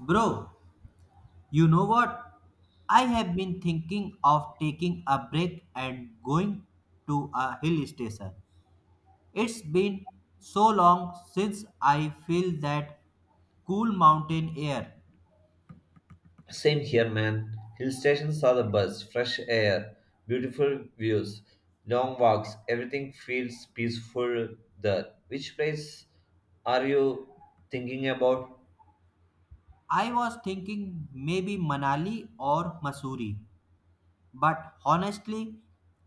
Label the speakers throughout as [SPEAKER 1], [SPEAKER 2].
[SPEAKER 1] Bro, you know what? I have been thinking of taking a break and going to a hill station. It's been so long since I feel that cool mountain air.
[SPEAKER 2] Same here, man. Hill stations are the best. Fresh air, beautiful views, long walks, everything feels peaceful there. Which place are you thinking about?
[SPEAKER 1] I was thinking maybe Manali or Missouri, but honestly,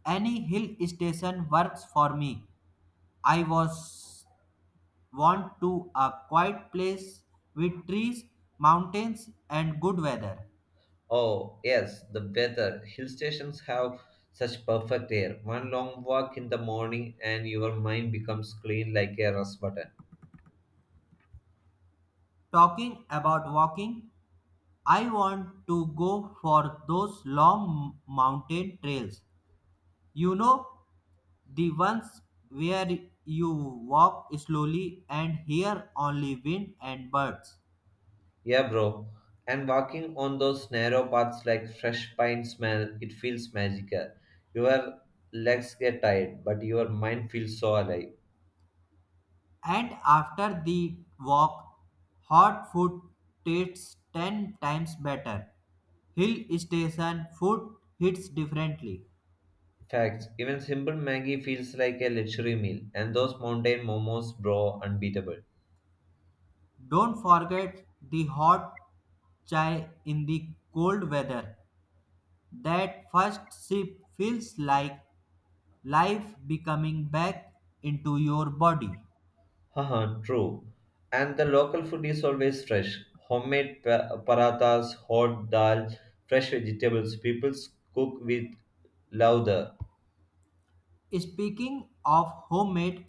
[SPEAKER 1] any hill station works for me. I was want to a quiet place with trees, mountains and good weather.
[SPEAKER 2] Oh, yes, the weather. Hill stations have such perfect air. One long walk in the morning and your mind becomes clean like a rust button.
[SPEAKER 1] Talking about walking, I want to go for those long mountain trails. You know, the ones where you walk slowly and hear only wind and birds.
[SPEAKER 2] Yeah, bro. And walking on those narrow paths like fresh pine smell, it feels magical. Your legs get tired, but your mind feels so alive.
[SPEAKER 1] And after the walk, hot food tastes 10 times better. Hill station food hits differently.
[SPEAKER 2] Facts. Even simple Maggie feels like a luxury meal, and those mountain momos, bro, unbeatable.
[SPEAKER 1] Don't forget the hot chai in the cold weather. That first sip feels like life becoming back into your body.
[SPEAKER 2] Haha, true. And the local food is always fresh. Homemade parathas, hot dal, fresh vegetables. People cook with love there.
[SPEAKER 1] Speaking of homemade,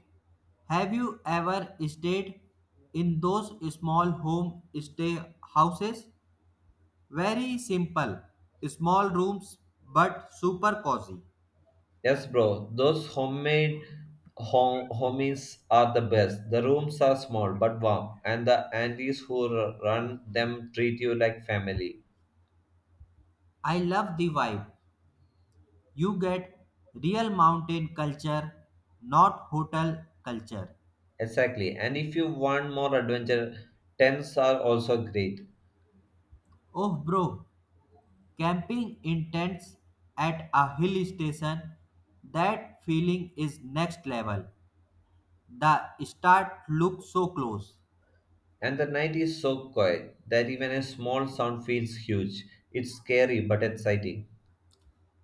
[SPEAKER 1] have you ever stayed in those small home stay houses? Very simple, small rooms but super cozy.
[SPEAKER 2] Yes, bro. Those homemade home homies are the best. The rooms are small but warm, and the aunties who run them treat you like family.
[SPEAKER 1] I love the vibe. You get real mountain culture, not hotel culture.
[SPEAKER 2] Exactly. And if you want more adventure, tents are also great.
[SPEAKER 1] Oh, bro, camping in tents at a hill station, that feeling is next level. The start looks so close,
[SPEAKER 2] And the night is so quiet that even a small sound feels huge. It's scary but exciting.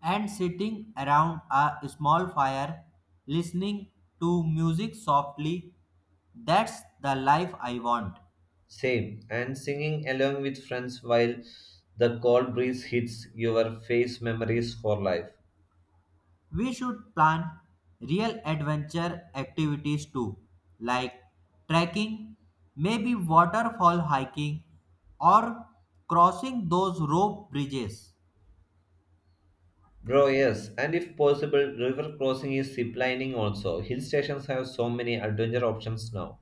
[SPEAKER 1] and sitting around a small fire, listening to music softly, that's the life I want.
[SPEAKER 2] Same. And singing along with friends while the cold breeze hits your face memories for life.
[SPEAKER 1] We should plan real adventure activities too, like trekking, maybe waterfall hiking, or crossing those rope bridges.
[SPEAKER 2] Bro, yes, and if possible, river crossing is ziplining also. Hill stations have so many adventure options now.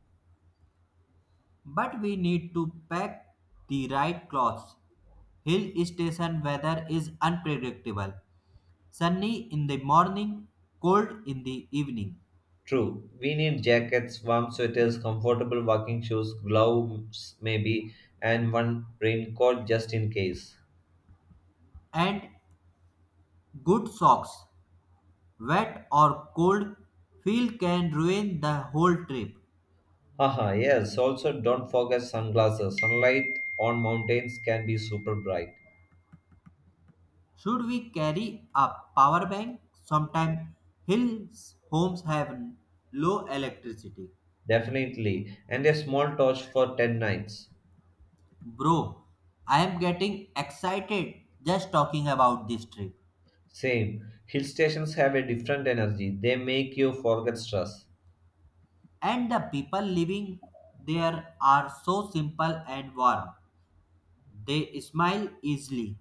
[SPEAKER 1] But we need to pack the right clothes. Hill station weather is unpredictable. Sunny in the morning, cold in the evening.
[SPEAKER 2] True, we need jackets, warm sweaters, comfortable walking shoes, gloves maybe, and one raincoat just in case.
[SPEAKER 1] And good socks, wet or cold, feel can ruin the whole trip.
[SPEAKER 2] Haha, yes, also don't forget sunglasses. Sunlight on mountains can be super bright.
[SPEAKER 1] Should we carry a power bank? Sometimes hills homes have low electricity.
[SPEAKER 2] Definitely, and a small torch for 10 nights.
[SPEAKER 1] Bro, I am getting excited just talking about this trip.
[SPEAKER 2] Same, hill stations have a different energy, they make you forget stress.
[SPEAKER 1] And the people living there are so simple and warm. They smile easily.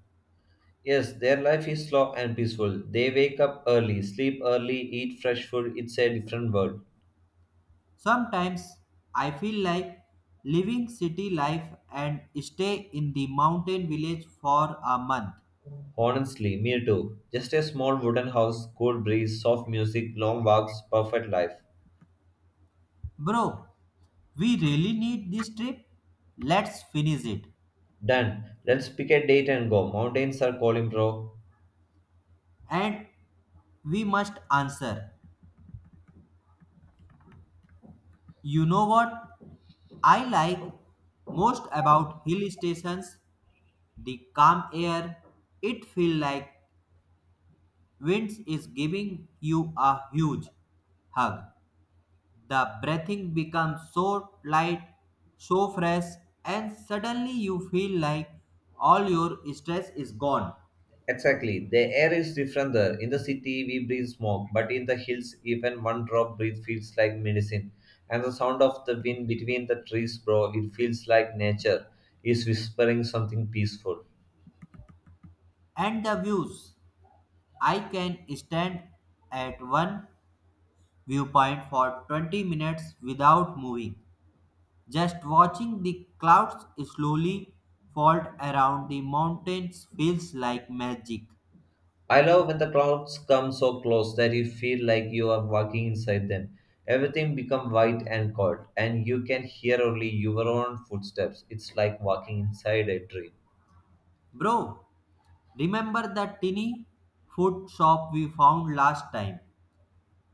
[SPEAKER 2] Yes, their life is slow and peaceful. They wake up early, sleep early, eat fresh food. It's a different world.
[SPEAKER 1] Sometimes I feel like living city life and stay in the mountain village for a month.
[SPEAKER 2] Honestly, me too. Just a small wooden house, cool breeze, soft music, long walks, perfect life.
[SPEAKER 1] Bro, we really need this trip? Let's finish it.
[SPEAKER 2] Done. Let's pick a date and go. Mountains are calling, bro.
[SPEAKER 1] And we must answer. You know what? I like most about hill stations the calm air. It feels like winds is giving you a huge hug. The breathing becomes so light, so fresh, and suddenly you feel like all your stress is gone.
[SPEAKER 2] Exactly. The air is different there. In the city, we breathe smoke, but in the hills, even one drop breath feels like medicine. And the sound of the wind between the trees, bro, it feels like nature is whispering something peaceful.
[SPEAKER 1] And the views. I can stand at one viewpoint for 20 minutes without moving, just watching the clouds slowly fold around the mountains feels like magic.
[SPEAKER 2] I love when the clouds come so close that you feel like you are walking inside them. Everything becomes white and cold, and you can hear only your own footsteps. It's like walking inside a dream.
[SPEAKER 1] Bro, remember the tinny food shop we found last time?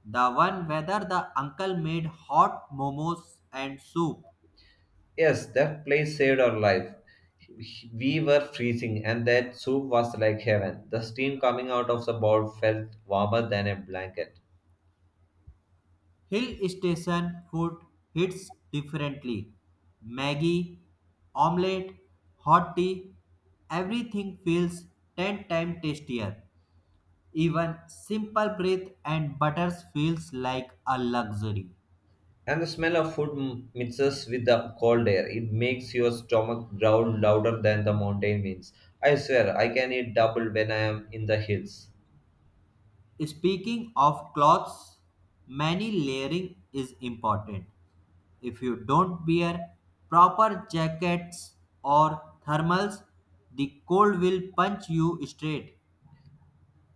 [SPEAKER 1] The one where the uncle made hot momos and soup.
[SPEAKER 2] Yes, that place saved our life. We were freezing, and that soup was like heaven. The steam coming out of the bowl felt warmer than a blanket.
[SPEAKER 1] Hill station food hits differently. Maggie, omelette, hot tea, everything feels 10 times tastier. Even simple breath and butters feels like a luxury.
[SPEAKER 2] And the smell of food mixes with the cold air. It makes your stomach growl louder than the mountain winds. I swear, I can eat double when I am in the hills.
[SPEAKER 1] Speaking of clothes, many layering is important. If you don't wear proper jackets or thermals, the cold will punch you straight,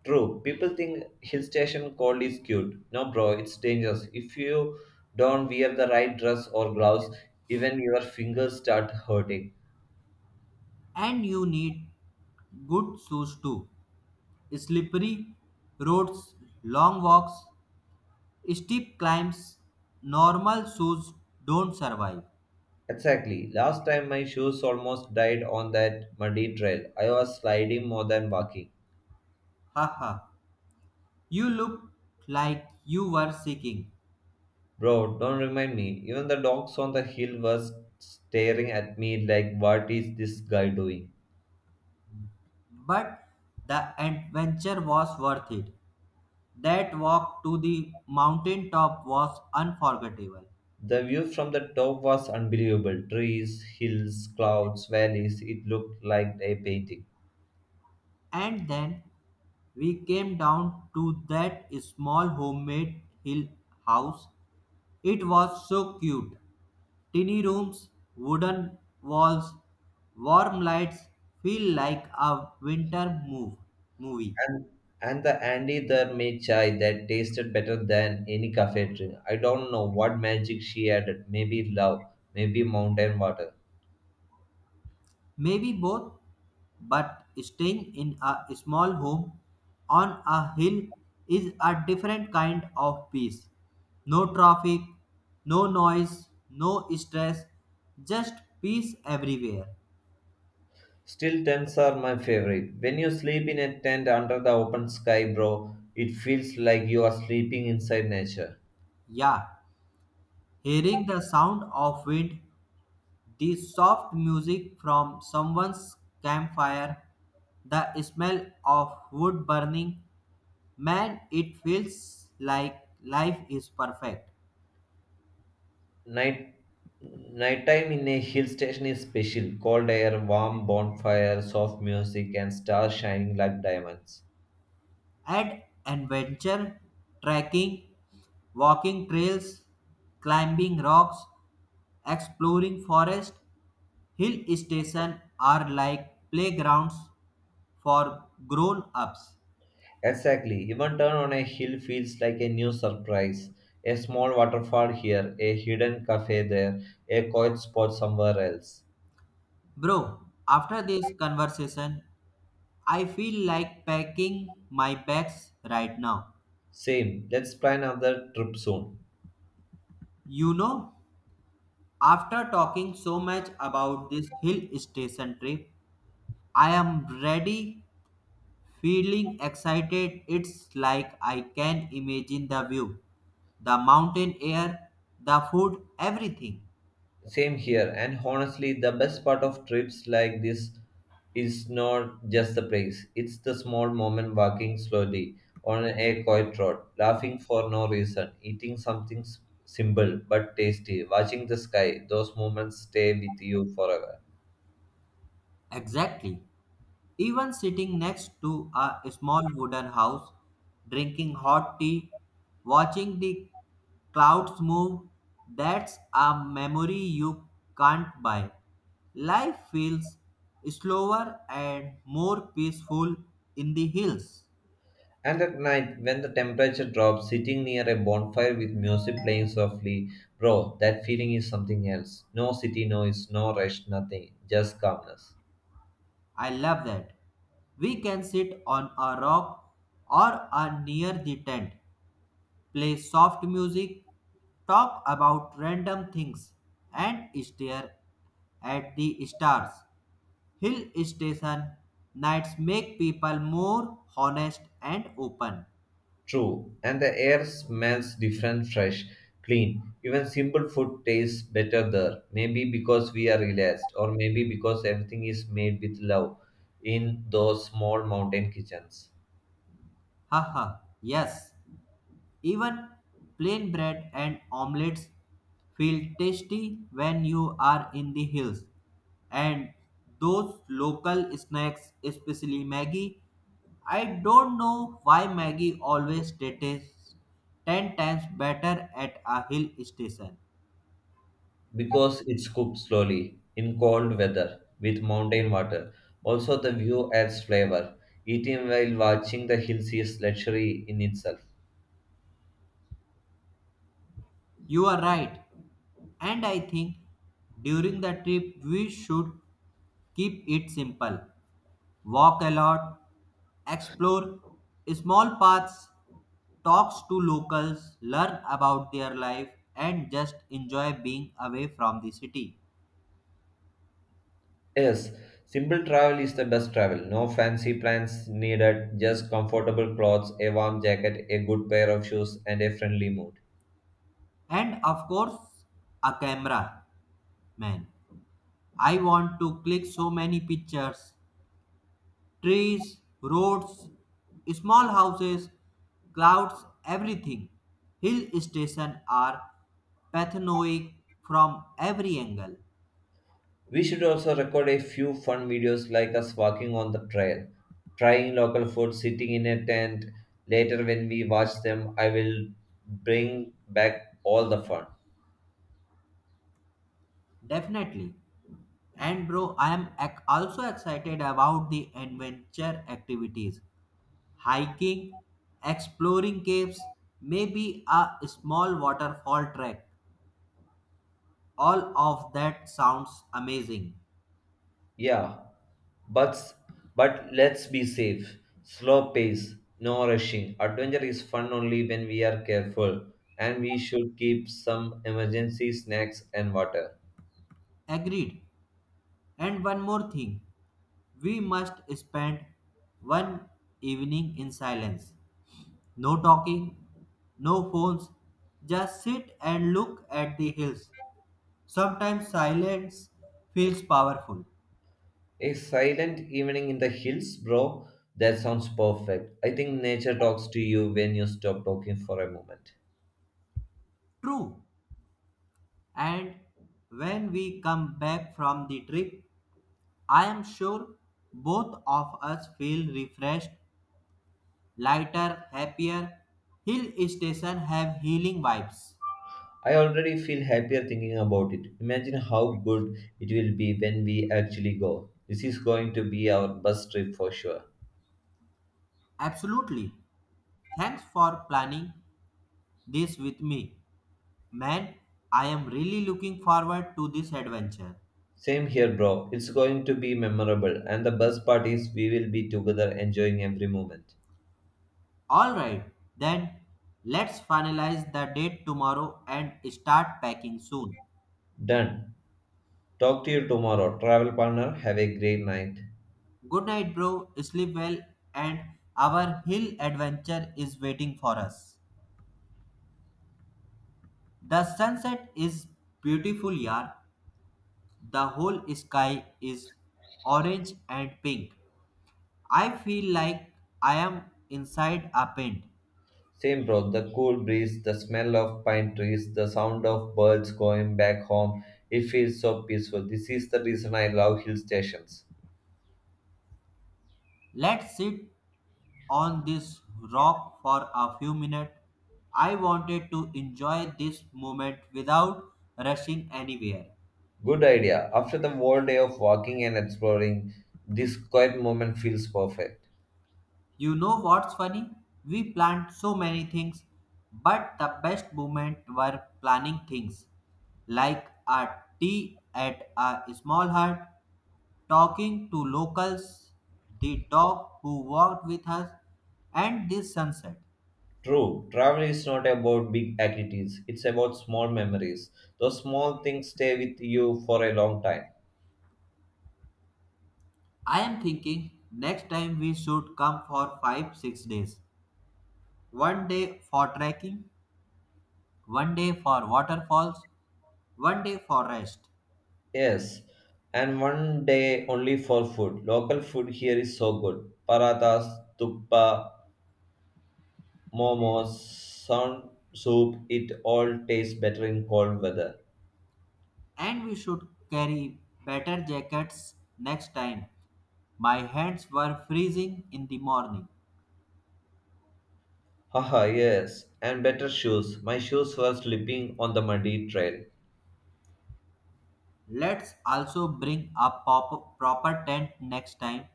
[SPEAKER 2] True, people think hill station cold is cute. No, bro, it's dangerous. If you don't wear the right dress or gloves, even your fingers start hurting.
[SPEAKER 1] and you need good shoes too. Slippery roads, long walks, steep climbs, normal shoes don't survive.
[SPEAKER 2] Exactly. Last time my shoes almost died on that muddy trail. I was sliding more than walking.
[SPEAKER 1] Haha, you look like you were seeking,
[SPEAKER 2] Bro, don't remind me. Even the dogs on the hill were staring at me like, what is this guy doing?
[SPEAKER 1] but the adventure was worth it. That walk to the mountain top was unforgettable.
[SPEAKER 2] The view from the top was unbelievable. Trees, hills, clouds, valleys. It looked like a painting.
[SPEAKER 1] And then we came down to that small homemade hill house. It was so cute. Tiny rooms, wooden walls, warm lights feel like a winter move movie.
[SPEAKER 2] And and the Andy there made chai that tasted better than any cafe drink. I don't know what magic she added. Maybe love, maybe mountain water.
[SPEAKER 1] Maybe both, but staying in a small home on a hill is a different kind of peace. No traffic, no noise, no stress, just peace everywhere.
[SPEAKER 2] Still, tents are my favorite. When you sleep in a tent under the open sky, bro, it feels like you are sleeping inside nature.
[SPEAKER 1] Yeah, hearing the sound of wind, the soft music from someone's campfire, the smell of wood burning, man, it feels like life is perfect.
[SPEAKER 2] Night nighttime in a hill station is special. Cold air, warm bonfire, soft music, and stars shining like diamonds.
[SPEAKER 1] And adventure, trekking, walking trails, climbing rocks, exploring forest, hill station are like playgrounds for grown ups.
[SPEAKER 2] Exactly. Even turn on a hill feels like a new surprise. A small waterfall here, a hidden cafe there, a quiet spot somewhere else.
[SPEAKER 1] Bro, after this conversation, I feel like packing my bags right now.
[SPEAKER 2] Same. Let's plan another trip soon.
[SPEAKER 1] You know, After talking so much about this hill station trip, I am ready, feeling excited. It's like I can imagine the view, the mountain air, the food, everything.
[SPEAKER 2] Same here, and honestly, the best part of trips like this is not just the place, it's the small moment walking slowly on a quiet road, laughing for no reason, eating something simple but tasty, watching the sky. Those moments stay with you forever.
[SPEAKER 1] Exactly. Even sitting next to a small wooden house, drinking hot tea, watching the clouds move, that's a memory you can't buy. Life feels slower and more peaceful in the hills.
[SPEAKER 2] And at night, when the temperature drops, sitting near a bonfire with music playing softly, bro, that feeling is something else. No city noise, no rush, nothing, just calmness.
[SPEAKER 1] I love that. We can sit on a rock or a near the tent play soft music, talk about random things, and stare at the stars. Hill station nights make people more honest and open.
[SPEAKER 2] True, and the air smells different, fresh, clean. Even simple food tastes better there. Maybe because we are relaxed, or maybe because everything is made with love in those small mountain kitchens.
[SPEAKER 1] Haha, yes. Even plain bread and omelets feel tasty when you are in the hills. And those local snacks, especially Maggie, I don't know why Maggie always tastes 10 times better at a hill station.
[SPEAKER 2] Because it's cooked slowly in cold weather with mountain water. Also, the view adds flavor. Eating while watching the hills is luxury in itself.
[SPEAKER 1] You are right. And I think during the trip we should keep it simple. Walk a lot, explore small paths, talks to locals, learn about their life, and just enjoy being away from the city.
[SPEAKER 2] Yes, simple travel is the best travel. No fancy plans needed, just comfortable clothes, a warm jacket, a good pair of shoes, and a friendly mood.
[SPEAKER 1] And of course, a camera, man. I want to click so many pictures trees, roads, small houses, clouds, everything. Hill stations are pathanoic from every angle.
[SPEAKER 2] We should also record a few fun videos like us walking on the trail, trying local food, sitting in a tent. Later, when we watch them, I will bring back all the fun.
[SPEAKER 1] Definitely. And bro, I am also excited about the adventure activities, hiking, exploring caves, maybe a small waterfall trek. All of that sounds amazing.
[SPEAKER 2] Yeah, but but let's be safe. Slow pace, no rushing. Adventure is fun only when we are careful, and we should keep some emergency snacks and water.
[SPEAKER 1] Agreed. And one more thing, we must spend one evening in silence. No talking, no phones, just sit and look at the hills. Sometimes silence feels powerful.
[SPEAKER 2] A silent evening in the hills, bro. That sounds perfect. I think nature talks to you when you stop talking for a moment.
[SPEAKER 1] True. And when we come back from the trip, I am sure both of us feel refreshed, lighter, happier. Hill station have healing vibes.
[SPEAKER 2] I already feel happier thinking about it. Imagine how good it will be when we actually go. This is going to be our bus trip for sure.
[SPEAKER 1] Absolutely. Thanks for planning this with me. Man, I am really looking forward to this adventure.
[SPEAKER 2] Same here, bro. It's going to be memorable, and the best part is we will be together enjoying every moment.
[SPEAKER 1] All right, then let's finalize the date tomorrow and start packing soon.
[SPEAKER 2] Done. Talk to you tomorrow, travel partner. Have a great night.
[SPEAKER 1] Good night, bro. Sleep well, and our hill adventure is waiting for us. The sunset is beautiful, yar. The whole sky is orange and pink. I feel like I am inside a paint.
[SPEAKER 2] Same, bro. The cool breeze, the smell of pine trees, the sound of birds going back home. It feels so peaceful. This is the reason I love hill stations.
[SPEAKER 1] Let's sit on this rock for a few minutes. I wanted to enjoy this moment without rushing anywhere.
[SPEAKER 2] Good idea. After the whole day of walking and exploring, this quiet moment feels perfect.
[SPEAKER 1] You know what's funny? We planned so many things, but the best moment were planning things like a tea at a small hut, talking to locals, the dog who walked with us, and this sunset.
[SPEAKER 2] True, travel is not about big activities, it's about small memories. Those small things stay with you for a long time.
[SPEAKER 1] I am thinking next time we should come for 5 6 days. One day for trekking, one day for waterfalls, one day for rest.
[SPEAKER 2] Yes, and one day only for food. Local food here is so good. Parathas, tuppa, momos, sound soup, it all tastes better in cold weather.
[SPEAKER 1] And we should carry better jackets next time. My hands were freezing in the morning.
[SPEAKER 2] Haha, yes, and better shoes. My shoes were slipping on the muddy trail.
[SPEAKER 1] Let's also bring a proper tent next time.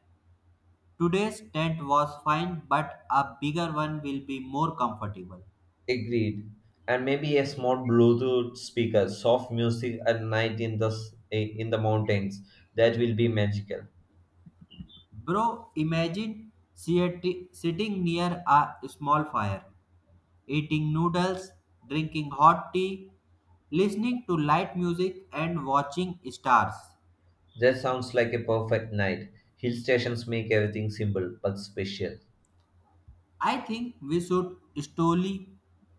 [SPEAKER 1] Today's tent was fine, but a bigger one will be more comfortable.
[SPEAKER 2] Agreed. And maybe a small Bluetooth speaker, soft music at night in the in the mountains. That will be magical.
[SPEAKER 1] Bro, imagine sitting near a small fire, eating noodles, drinking hot tea, listening to light music, and watching stars.
[SPEAKER 2] That sounds like a perfect night. Hill stations make everything simple but special.
[SPEAKER 1] I think we should slowly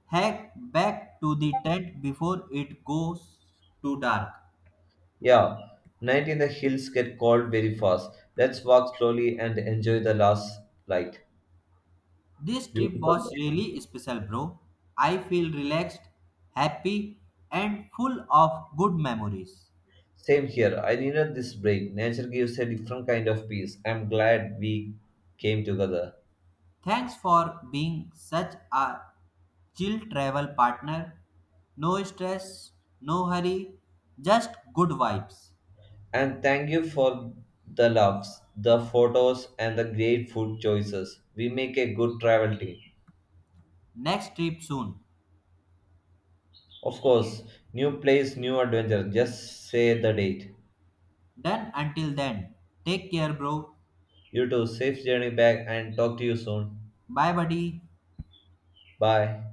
[SPEAKER 1] hack back to the tent before it goes too dark.
[SPEAKER 2] Yeah, night in the hills get cold very fast. Let's walk slowly and enjoy the last light.
[SPEAKER 1] This trip
[SPEAKER 2] Beautiful
[SPEAKER 1] was
[SPEAKER 2] day.
[SPEAKER 1] really special, bro. I feel relaxed, happy, and full of good memories.
[SPEAKER 2] Same here. I needed this break. Nature gives a different kind of peace. I'm glad we came together.
[SPEAKER 1] Thanks for being such a chill travel partner. No stress, no hurry, just good vibes.
[SPEAKER 2] And thank you for the loves, the photos, and the great food choices. We make a good travel team.
[SPEAKER 1] Next trip soon.
[SPEAKER 2] Of course, new place, new adventure. Just say the date.
[SPEAKER 1] Done until then. Take care, bro.
[SPEAKER 2] You too, safe journey back and talk to you soon.
[SPEAKER 1] Bye, buddy.
[SPEAKER 2] Bye.